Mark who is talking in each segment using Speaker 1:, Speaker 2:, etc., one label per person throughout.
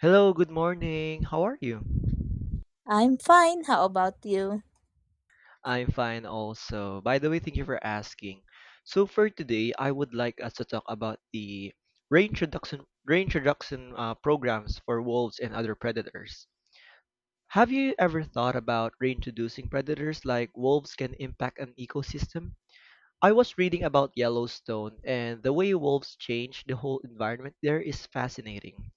Speaker 1: Hello, good morning. How are you?
Speaker 2: I'm fine. How about you?
Speaker 1: I'm fine also. By the way, thank you for asking. So for today, I would like us to talk about the reintroduction programs for wolves and other predators. Have you ever thought about reintroducing predators like wolves can impact an ecosystem? I was reading about Yellowstone and the way wolves change the whole environment there is fascinating.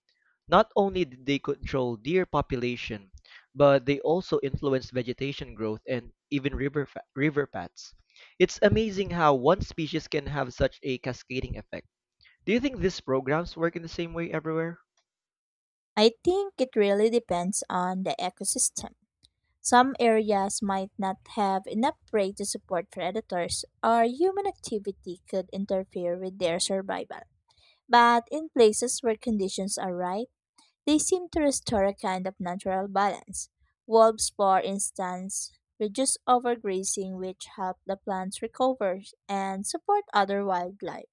Speaker 1: Not only did they control deer population, but they also influenced vegetation growth and even river paths. It's amazing how one species can have such a cascading effect. Do you think these programs work in the same way everywhere?
Speaker 2: I think it really depends on the ecosystem. Some areas might not have enough prey to support predators, or human activity could interfere with their survival. But in places where conditions are right, they seem to restore a kind of natural balance. Wolves, for instance, reduce overgrazing, which help the plants recover and support other wildlife.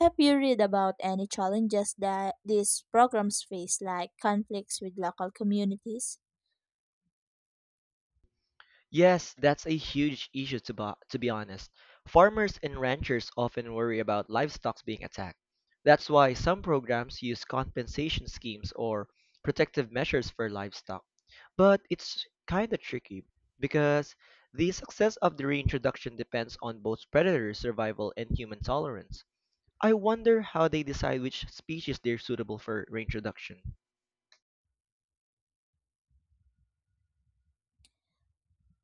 Speaker 2: Have you read about any challenges that these programs face, like conflicts with local communities?
Speaker 1: Yes, that's a huge issue to be honest. Farmers and ranchers often worry about livestock being attacked. That's why some programs use compensation schemes or protective measures for livestock. But it's kind of tricky because the success of the reintroduction depends on both predator survival and human tolerance. I wonder how they decide which species they're suitable for reintroduction.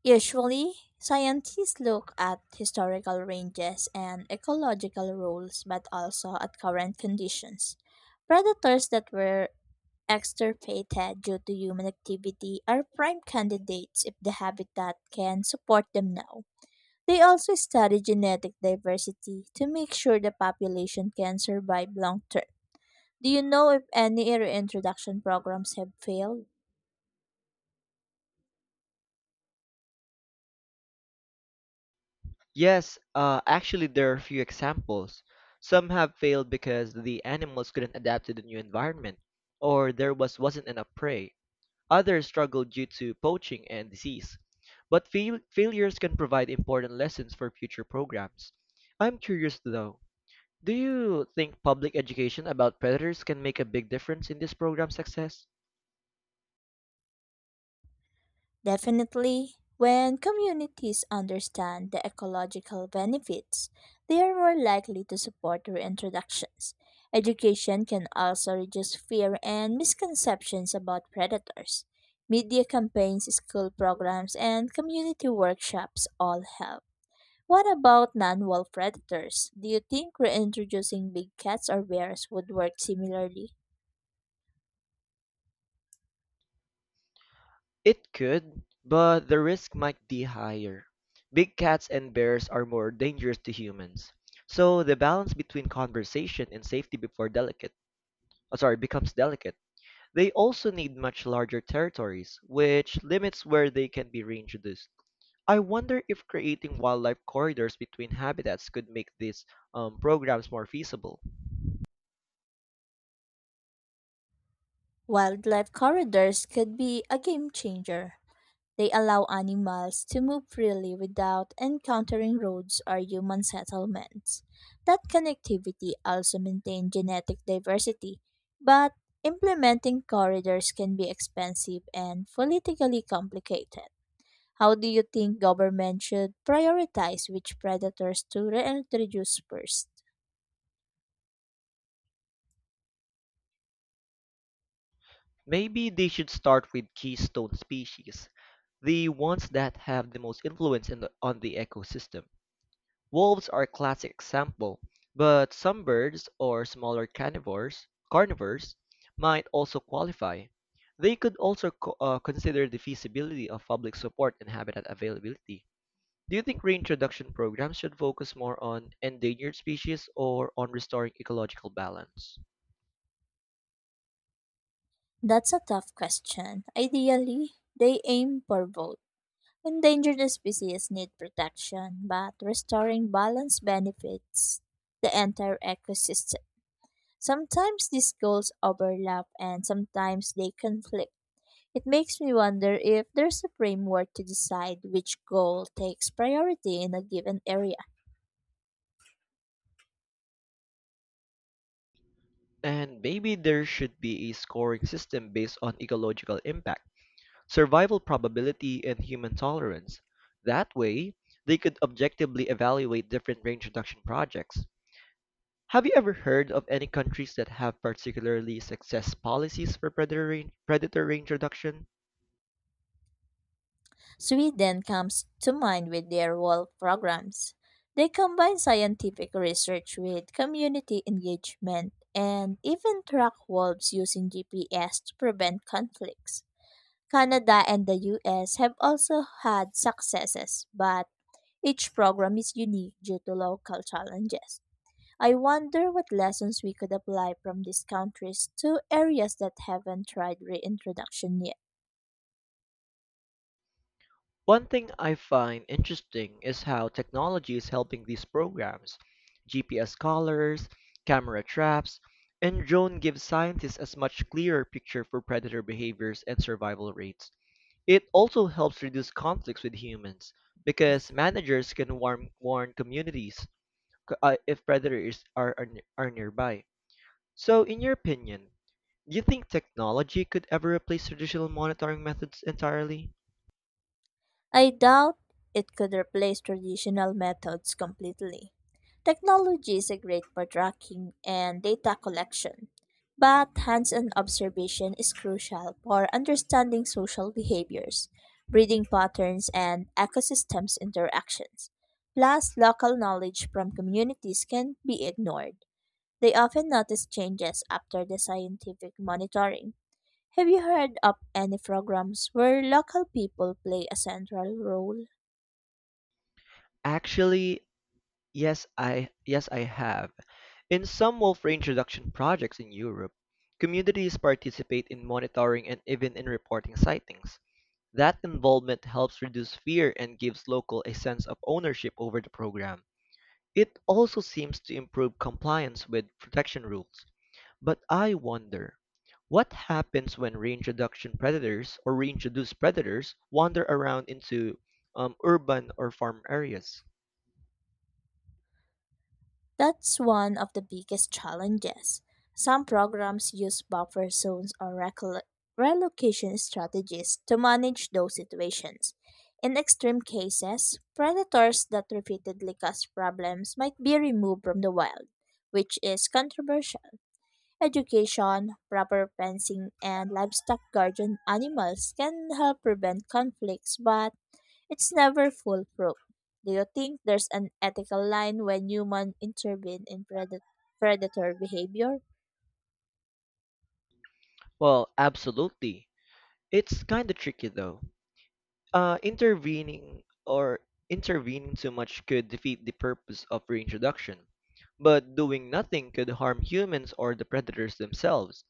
Speaker 2: Usually, scientists look at historical ranges and ecological rules, but also at current conditions. Predators that were extirpated due to human activity are prime candidates if the habitat can support them now. They also study genetic diversity to make sure the population can survive long term. Do you know if any reintroduction programs have failed?
Speaker 1: Yes, actually, there are a few examples. Some have failed because the animals couldn't adapt to the new environment, or there was wasn't enough prey. Others struggled due to poaching and disease. But failures can provide important lessons for future programs. I'm curious though, do you think public education about predators can make a big difference in this program's success?
Speaker 2: Definitely. When communities understand the ecological benefits, they are more likely to support reintroductions. Education can also reduce fear and misconceptions about predators. Media campaigns, school programs, and community workshops all help. What about non-wolf predators? Do you think reintroducing big cats or bears would work similarly?
Speaker 1: It could, but the risk might be higher. Big cats and bears are more dangerous to humans. So the balance between conversation and safety becomes delicate. They also need much larger territories, which limits where they can be reintroduced. I wonder if creating wildlife corridors between habitats could make these programs more feasible.
Speaker 2: Wildlife corridors could be a game changer. They allow animals to move freely without encountering roads or human settlements. That connectivity also maintains genetic diversity, but implementing corridors can be expensive and politically complicated. How do you think government should prioritize which predators to reintroduce first?
Speaker 1: Maybe they should start with keystone species, the ones that have the most influence in on the ecosystem. Wolves are a classic example, but some birds or smaller carnivores might also qualify. They could also consider the feasibility of public support and habitat availability. Do you think reintroduction programs should focus more on endangered species or on restoring ecological balance?
Speaker 2: That's a tough question. Ideally, they aim for both. Endangered species need protection, but restoring balance benefits the entire ecosystem. Sometimes these goals overlap and sometimes they conflict. It makes me wonder if there's a framework to decide which goal takes priority in a given area.
Speaker 1: And maybe there should be a scoring system based on ecological impact, survival probability, and human tolerance. That way, they could objectively evaluate different range reduction projects. Have you ever heard of any countries that have particularly success policies for predator range reduction?
Speaker 2: Sweden comes to mind with their Wolf programs. They combine scientific research with community engagement and even track wolves using GPS to prevent conflicts. Canada and the US have also had successes, but each program is unique due to local challenges. I wonder what lessons we could apply from these countries to areas that haven't tried reintroduction yet.
Speaker 1: One thing I find interesting is how technology is helping these programs. GPS collars, camera traps, and drone give scientists a much clearer picture for predator behaviors and survival rates. It also helps reduce conflicts with humans because managers can warn communities if predators are are nearby. So, in your opinion, do you think technology could ever replace traditional monitoring methods entirely?
Speaker 2: I doubt it could replace traditional methods completely. Technology is a great for tracking and data collection, but hands on observation is crucial for understanding social behaviors, breeding patterns, and ecosystems interactions. Plus, local knowledge from communities can be ignored. They often notice changes after the scientific monitoring. Have you heard of any programs where local people play a central role?
Speaker 1: Actually, yes, I have. In some wolf reintroduction projects in Europe, communities participate in monitoring and even in reporting sightings. That involvement helps reduce fear and gives local a sense of ownership over the program. It also seems to improve compliance with protection rules. But I wonder, what happens when reintroduction predators or reintroduced predators wander around into urban or farm areas?
Speaker 2: That's one of the biggest challenges. Some programs use buffer zones or relocation strategies to manage those situations. In extreme cases, predators that repeatedly cause problems might be removed from the wild, which is controversial. Education, proper fencing, and livestock guardian animals can help prevent conflicts, but it's never foolproof. Do you think there's an ethical line when humans intervene in predator behavior?
Speaker 1: Well, absolutely. It's kind of tricky though. Uh, intervening or Intervening too much could defeat the purpose of reintroduction, but doing nothing could harm humans or the predators themselves.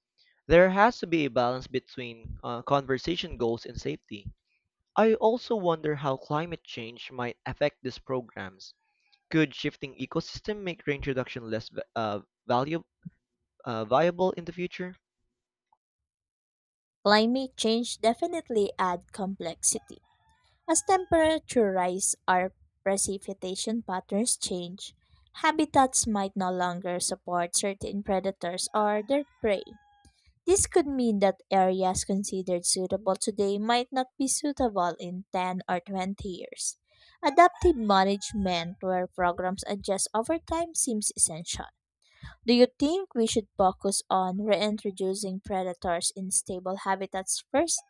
Speaker 1: There has to be a balance between conversation goals and safety. I also wonder how climate change might affect these programs. Could shifting ecosystem make reintroduction less value, viable in the future?
Speaker 2: Climate change definitely adds complexity. As temperature rise or precipitation patterns change, habitats might no longer support certain predators or their prey. This could mean that areas considered suitable today might not be suitable in 10 or 20 years. Adaptive management, where programs adjust over time, seems essential. Do you think we should focus on reintroducing predators in stable habitats first,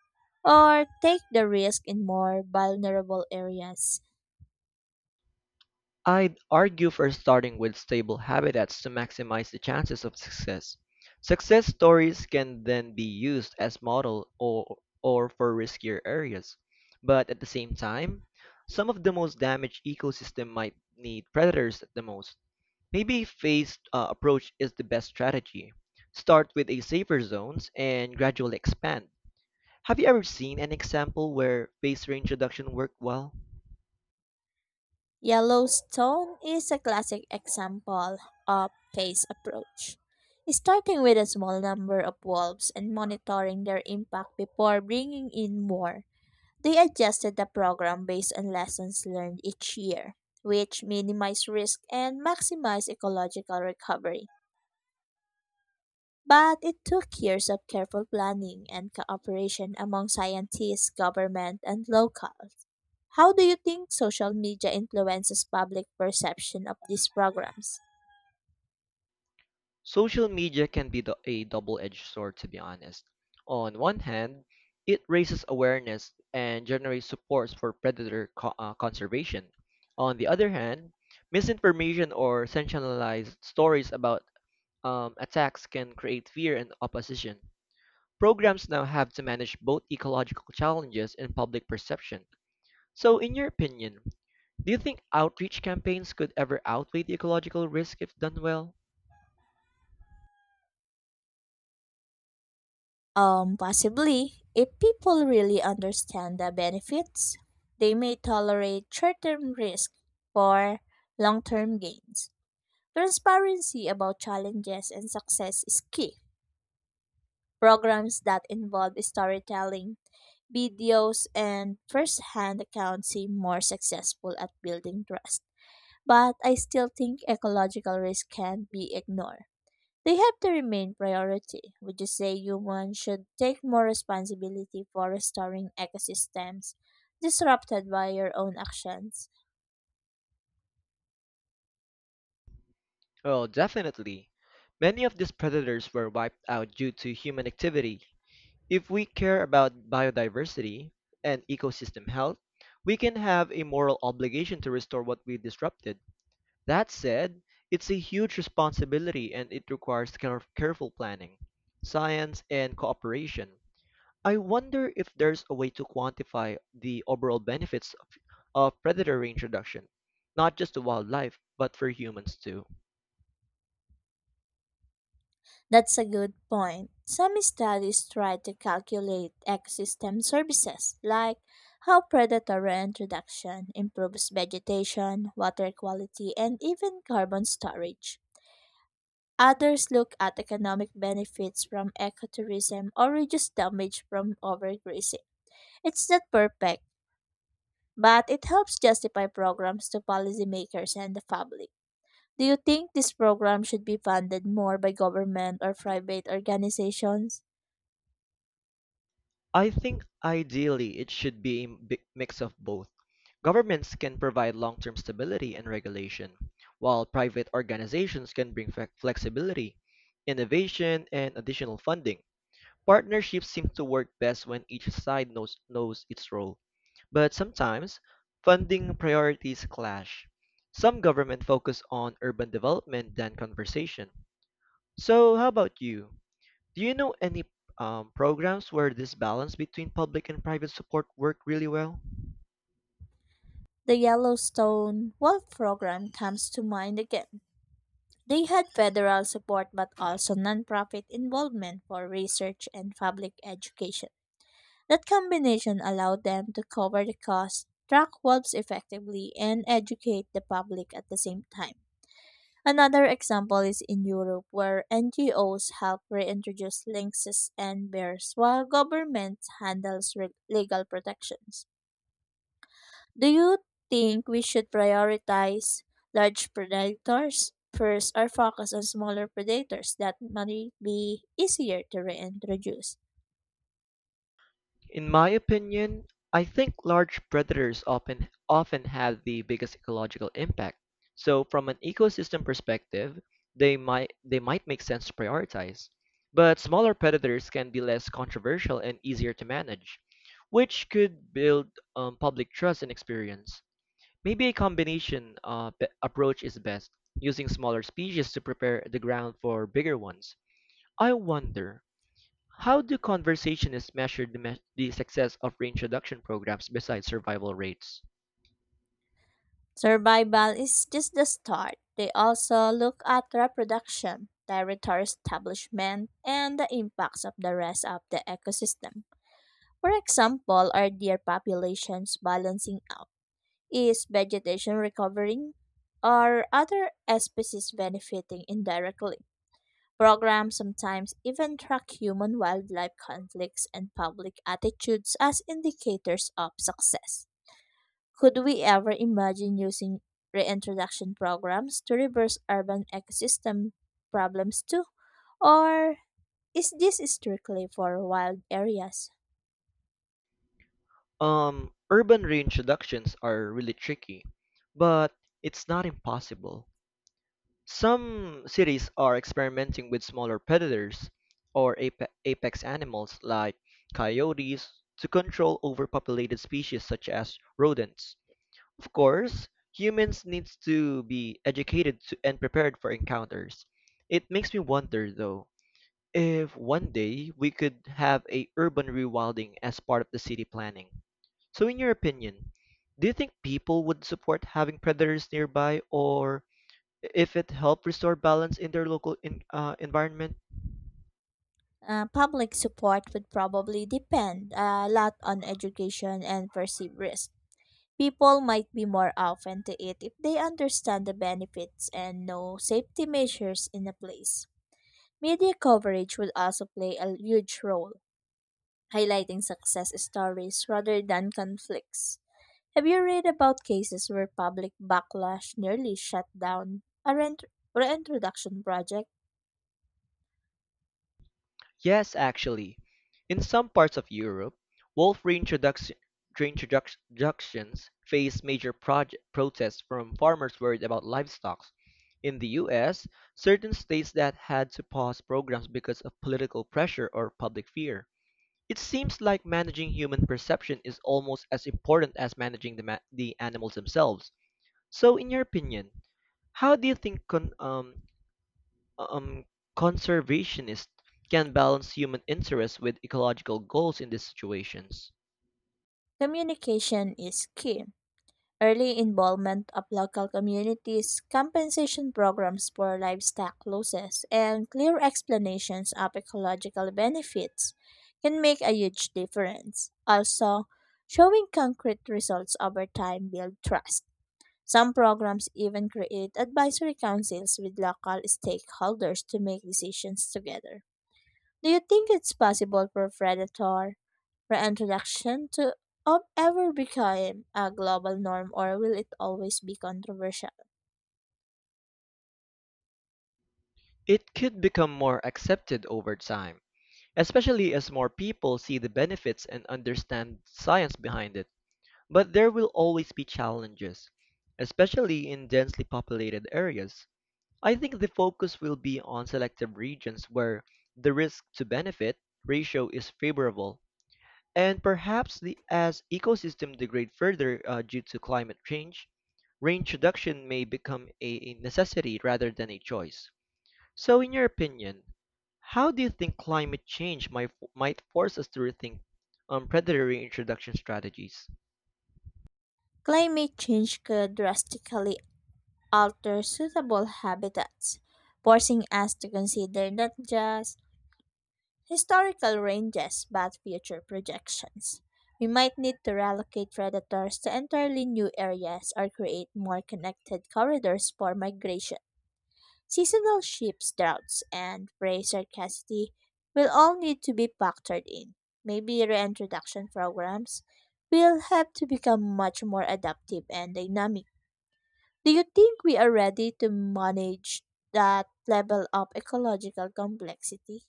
Speaker 2: or take the risk in more vulnerable areas?
Speaker 1: I'd argue for starting with stable habitats to maximize the chances of success. Success stories can then be used as model or for riskier areas. But at the same time, some of the most damaged ecosystem might need predators at the most. Maybe phased approach is the best strategy. Start with a safer zones and gradually expand. Have you ever seen an example where phased reintroduction worked well?
Speaker 2: Yellowstone is a classic example of phased approach, starting with a small number of wolves and monitoring their impact before bringing in more. They adjusted the program based on lessons learned each year, which minimized risk and maximized ecological recovery. But it took years of careful planning and cooperation among scientists, government, and local. How do you think social media influences public perception of these programs?
Speaker 1: Social media can be a double-edged sword, to be honest. On one hand, it raises awareness and generates support for predator conservation. On the other hand, misinformation or sensationalized stories about attacks can create fear and opposition. Programs now have to manage both ecological challenges and public perception. So, in your opinion, do you think outreach campaigns could ever outweigh the ecological risk if done well?
Speaker 2: Possibly, if people really understand the benefits, they may tolerate short term risk for long term gains. Transparency about challenges and success is key. Programs that involve storytelling, videos, and first hand accounts seem more successful at building trust. But I still think ecological risk can be ignored. They have to remain priority. Would you say humans should take more responsibility for restoring ecosystems disrupted by your own actions?
Speaker 1: Well, definitely. Many of these predators were wiped out due to human activity. If we care about biodiversity and ecosystem health, we can have a moral obligation to restore what we disrupted. That said, it's a huge responsibility and it requires careful planning, science, and cooperation. I wonder if there's a way to quantify the overall benefits of predator range reduction, not just to wildlife, but for humans too.
Speaker 2: That's a good point. Some studies try to calculate ecosystem services, like how predator introduction improves vegetation, water quality, and even carbon storage. Others look at economic benefits from ecotourism or reduce damage from overgrazing. It's not perfect, but it helps justify programs to policymakers and the public. Do you think this program should be funded more by government or private organizations?
Speaker 1: I think ideally it should be a mix of both. Governments can provide long term stability and regulation, while private organizations can bring flexibility, innovation, and additional funding. Partnerships seem to work best when each side knows its role, but sometimes funding priorities clash. Some government focus on urban development than conservation. So, how about you? Do you know any programs where this balance between public and private support work really well?
Speaker 2: The Yellowstone Wolf Program comes to mind again. They had federal support but also nonprofit involvement for research and public education. That combination allowed them to cover the cost, track wolves effectively, and educate the public at the same time. Another example is in Europe, where NGOs help reintroduce lynxes and bears while government handles legal protections. Do you think we should prioritize large predators first or focus on smaller predators that might be easier to reintroduce?
Speaker 1: In my opinion, I think large predators often have the biggest ecological impact. So from an ecosystem perspective, they might make sense to prioritize. But smaller predators can be less controversial and easier to manage, which could build public trust and experience. Maybe a combination approach is best, using smaller species to prepare the ground for bigger ones. I wonder, how do conversationists measure the success of reintroduction programs besides survival rates?
Speaker 2: Survival is just the start. They also look at reproduction, territory establishment, and the impacts of the rest of the ecosystem. For example, are deer populations balancing out? Is vegetation recovering? Are other species benefiting indirectly? Programs sometimes even track human wildlife conflicts and public attitudes as indicators of success. Could we ever imagine using reintroduction programs to reverse urban ecosystem problems too? Or is this strictly for wild areas?
Speaker 1: Urban reintroductions are really tricky, but it's not impossible. Some cities are experimenting with smaller predators or apex animals like coyotes to control overpopulated species such as rodents. Of course, humans needs to be educated to, and prepared for encounters. It makes me wonder though if one day we could have a urban rewilding as part of the city planning. So in your opinion, do you think people would support having predators nearby or if it helped restore balance in their local environment?
Speaker 2: Public support would probably depend a lot on education and perceived risk. People might be more open to it if they understand the benefits and know safety measures in a place. Media coverage would also play a huge role, highlighting success stories rather than conflicts. Have you read about cases where public backlash nearly shut down a reintroduction project?
Speaker 1: Yes, actually. In some parts of Europe, wolf reintroduction, reintroductions face protests from farmers worried about livestock. In the US, certain states that had to pause programs because of political pressure or public fear. It seems like managing human perception is almost as important as managing the animals themselves. So, in your opinion, how do you think um, conservationists can balance human interests with ecological goals in these situations.
Speaker 2: Communication is key. Early involvement of local communities, compensation programs for livestock losses, and clear explanations of ecological benefits can make a huge difference. Also, showing concrete results over time builds trust. Some programs even create advisory councils with local stakeholders to make decisions together. Do you think it's possible for predator reintroduction to ever become a global norm, or will it always be controversial?
Speaker 1: It could become more accepted over time, especially as more people see the benefits and understand science behind it. But there will always be challenges, especially in densely populated areas. I think the focus will be on selective regions where the risk to benefit ratio is favorable. And perhaps as ecosystems degrade further due to climate change, range reduction may become a necessity rather than a choice. So, in your opinion, how do you think climate change might force us to rethink predatory introduction strategies?
Speaker 2: Climate change could drastically alter suitable habitats, forcing us to consider not just historical ranges but future projections. We might need to relocate predators to entirely new areas or create more connected corridors for migration. Seasonal ships, droughts, and prey scarcity will all need to be factored in. Maybe reintroduction programs will have to become much more adaptive and dynamic. Do you think we are ready to manage that level of ecological complexity?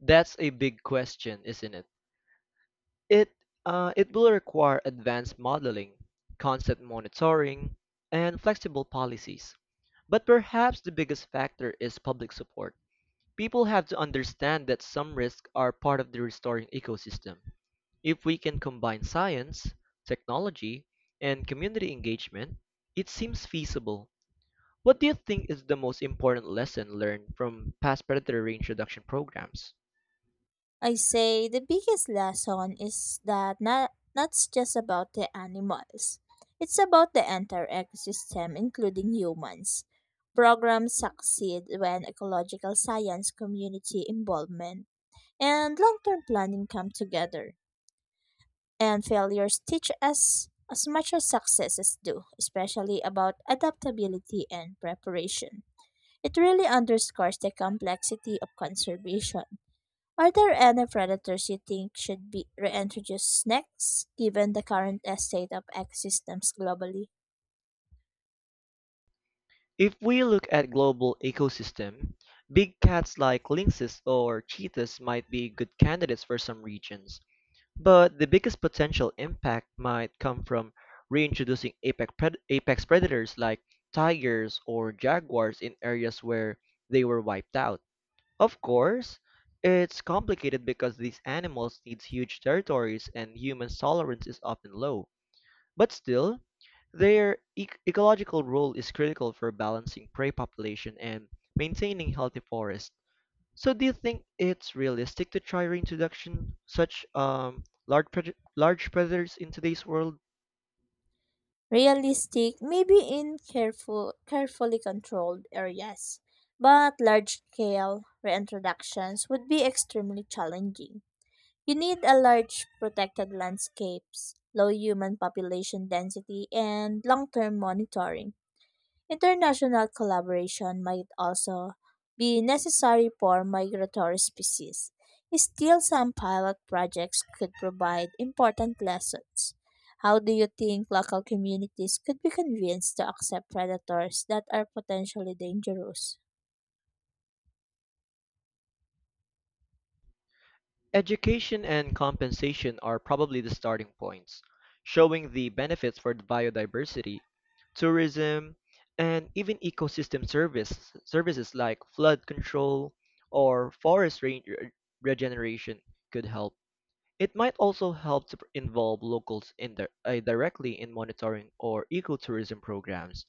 Speaker 1: That's a big question, isn't it? It, it will require advanced modeling, constant monitoring, and flexible policies. But perhaps the biggest factor is public support. People have to understand that some risks are part of the restoring ecosystem. If we can combine science, technology, and community engagement, it seems feasible. What do you think is the most important lesson learned from past predator reintroduction programs?
Speaker 2: I say the biggest lesson is that not just about the animals. It's about the entire ecosystem, including humans. Programs succeed when ecological science, community involvement, and long term planning come together. And failures teach us as much as successes do, especially about adaptability and preparation. It really underscores the complexity of conservation. Are there any predators you think should be reintroduced next, given the current state of ecosystems globally?
Speaker 1: If we look at global ecosystem, big cats like lynxes or cheetahs might be good candidates for some regions. But the biggest potential impact might come from reintroducing apex predators like tigers or jaguars in areas where they were wiped out. Of course, it's complicated because these animals need huge territories and human tolerance is often low. But still, their ecological role is critical for balancing prey population and maintaining healthy forests. So do you think it's realistic to try reintroduction such large predators in today's world?
Speaker 2: Realistic, maybe in carefully controlled areas, but large scale reintroductions would be extremely challenging. You need a large protected landscapes, low human population density, and long term monitoring. International collaboration might also be necessary for migratory species. Still, some pilot projects could provide important lessons. How do you think local communities could be convinced to accept predators that are potentially dangerous?
Speaker 1: Education and compensation are probably the starting points, showing the benefits for the biodiversity, tourism, and even ecosystem service services like flood control or regeneration could help. It might also help to involve locals directly in monitoring or ecotourism programs.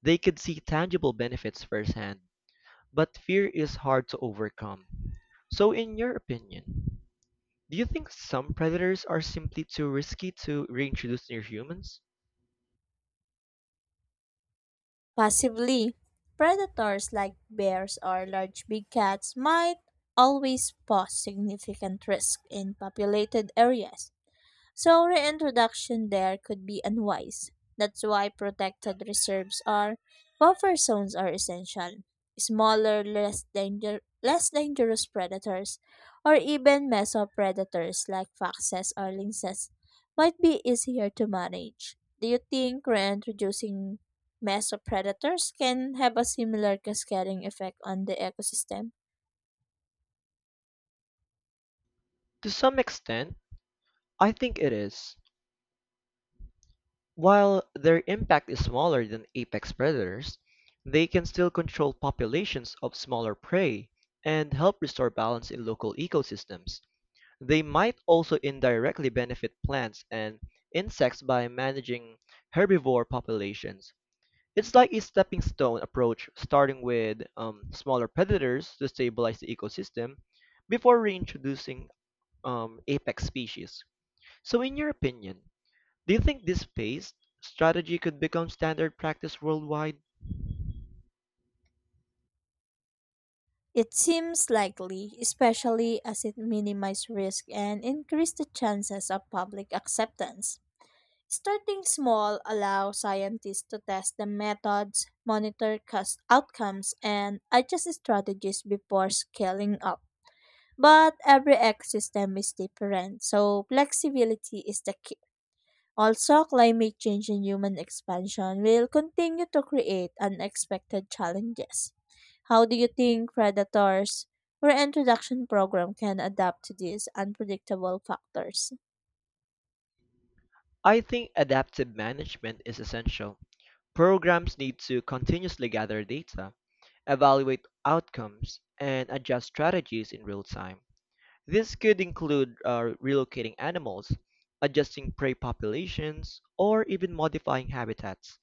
Speaker 1: They could see tangible benefits firsthand, but fear is hard to overcome. So, in your opinion, do you think some predators are simply too risky to reintroduce near humans?
Speaker 2: Possibly, predators like bears or large big cats might always pose significant risk in populated areas. So reintroduction there could be unwise. That's why protected reserves or buffer zones are essential. Smaller, less dangerous predators or even mesopredators like foxes or lynxes might be easier to manage. Do you think reintroducing mesopredators can have a similar cascading effect on the ecosystem?
Speaker 1: To some extent, I think it is. While their impact is smaller than apex predators, they can still control populations of smaller prey and help restore balance in local ecosystems. They might also indirectly benefit plants and insects by managing herbivore populations. It's like a stepping stone approach, starting with smaller predators to stabilize the ecosystem before reintroducing apex species. So, in your opinion, do you think this phased strategy could become standard practice worldwide?
Speaker 2: It seems likely, especially as it minimizes risk and increases the chances of public acceptance. Starting small allows scientists to test the methods, monitor outcomes, and adjust strategies before scaling up. But every ecosystem is different, so flexibility is the key. Also, climate change and human expansion will continue to create unexpected challenges. How do you think predators reintroduction program can adapt to these unpredictable factors?
Speaker 1: I think adaptive management is essential. Programs need to continuously gather data, evaluate outcomes, and adjust strategies in real time. This could include relocating animals, adjusting prey populations, or even modifying habitats.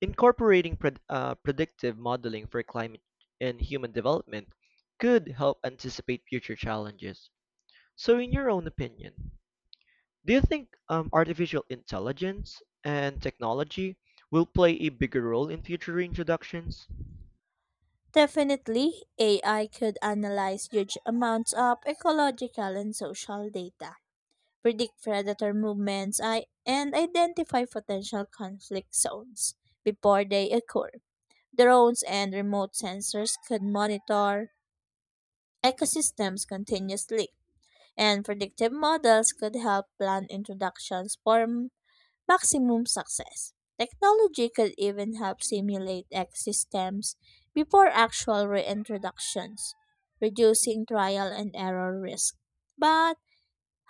Speaker 1: Incorporating predictive modeling for climate and human development could help anticipate future challenges. So, in your own opinion, do you think artificial intelligence and technology will play a bigger role in future introductions?
Speaker 2: Definitely, AI could analyze huge amounts of ecological and social data, predict predator movements, and identify potential conflict zones before they occur. Drones and remote sensors could monitor ecosystems continuously, and predictive models could help plan introductions for maximum success. Technology could even help simulate ecosystems before actual reintroductions, reducing trial and error risk. But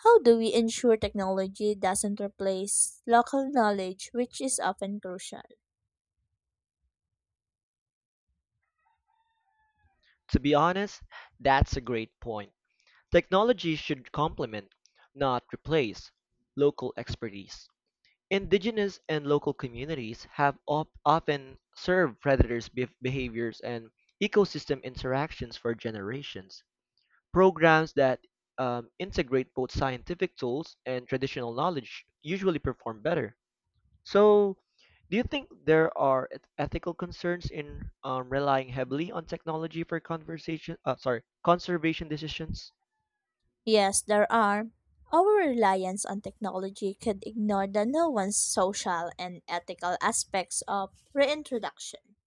Speaker 2: how do we ensure technology doesn't replace local knowledge, which is often crucial?
Speaker 1: To be honest, that's a great point. Technology should complement, not replace, local expertise. Indigenous and local communities have often served predators' behaviors and ecosystem interactions for generations. Programs that integrate both scientific tools and traditional knowledge usually perform better. So, do you think there are ethical concerns in relying heavily on technology for conservation decisions?
Speaker 2: Yes, there are. Our reliance on technology could ignore the nuanced social and ethical aspects of reintroduction.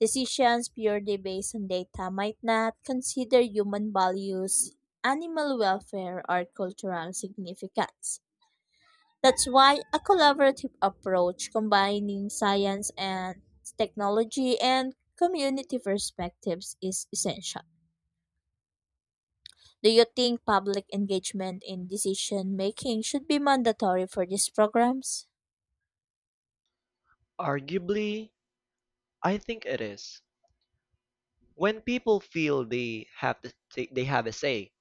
Speaker 2: Decisions purely based on data might not consider human values, animal welfare, or cultural significance. That's why a collaborative approach combining science and technology and community perspectives is essential. Do you think public engagement in decision making should be mandatory for these programs?
Speaker 1: Arguably, I think it is. When people feel they have a say,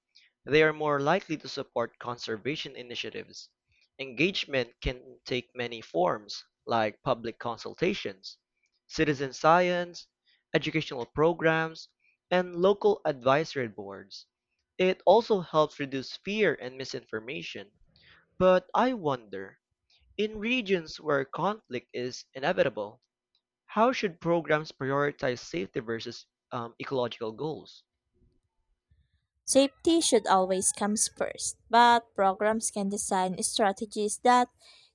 Speaker 1: they are more likely to support conservation initiatives. Engagement can take many forms, like public consultations, citizen science, educational programs, and local advisory boards. It also helps reduce fear and misinformation. But I wonder, in regions where conflict is inevitable, how should programs prioritize safety versus ecological goals?
Speaker 2: Safety should always come first, but programs can design strategies that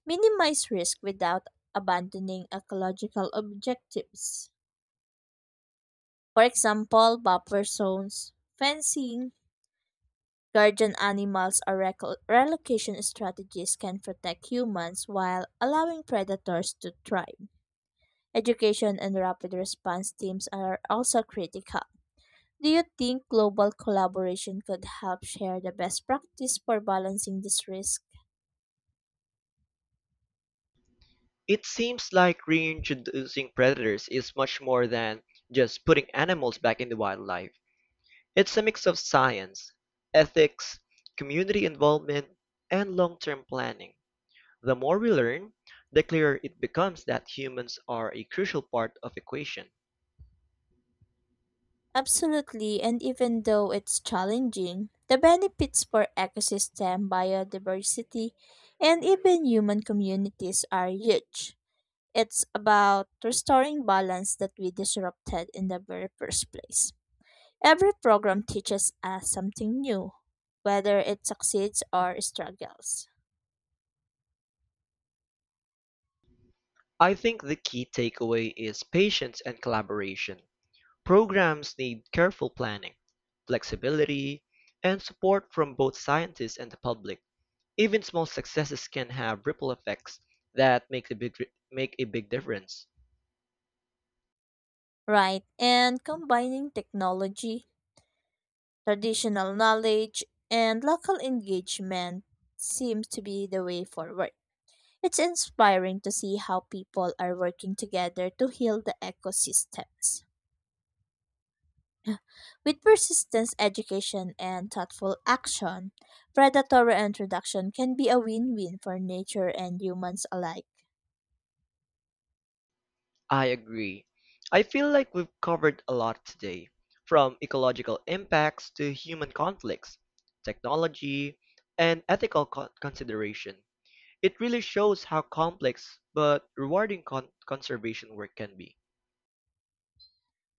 Speaker 2: minimize risk without abandoning ecological objectives. For example, buffer zones, fencing, Guardian animals or relocation strategies can protect humans while allowing predators to thrive. Education and rapid response teams are also critical. Do you think global collaboration could help share the best practice for balancing this risk?
Speaker 1: It seems like reintroducing predators is much more than just putting animals back into wildlife. It's a mix of science, ethics, community involvement, and long-term planning. The more we learn, the clearer it becomes that humans are a crucial part of equation.
Speaker 2: Absolutely, and even though it's challenging, the benefits for ecosystem, biodiversity, and even human communities are huge. It's about restoring balance that we disrupted in the very first place. Every program teaches us something new, whether it succeeds or struggles.
Speaker 1: I think the key takeaway is patience and collaboration. Programs need careful planning, flexibility, and support from both scientists and the public. Even small successes can have ripple effects that make a big difference.
Speaker 2: Right, and combining technology, traditional knowledge, and local engagement seems to be the way forward. It's inspiring to see how people are working together to heal the ecosystems. With persistence, education, and thoughtful action, predatory introduction can be a win win for nature and humans alike.
Speaker 1: I agree. I feel like we've covered a lot today, from ecological impacts to human conflicts, technology, and consideration. It really shows how complex but rewarding conservation work can be.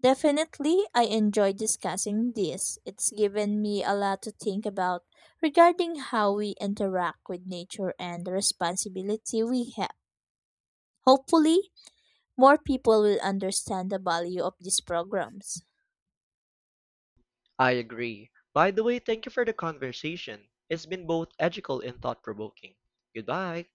Speaker 2: Definitely, I enjoy discussing this. It's given me a lot to think about regarding how we interact with nature and the responsibility we have. Hopefully, more people will understand the value of these programs.
Speaker 1: I agree. By the way, thank you for the conversation. It's been both educational and thought-provoking. Goodbye.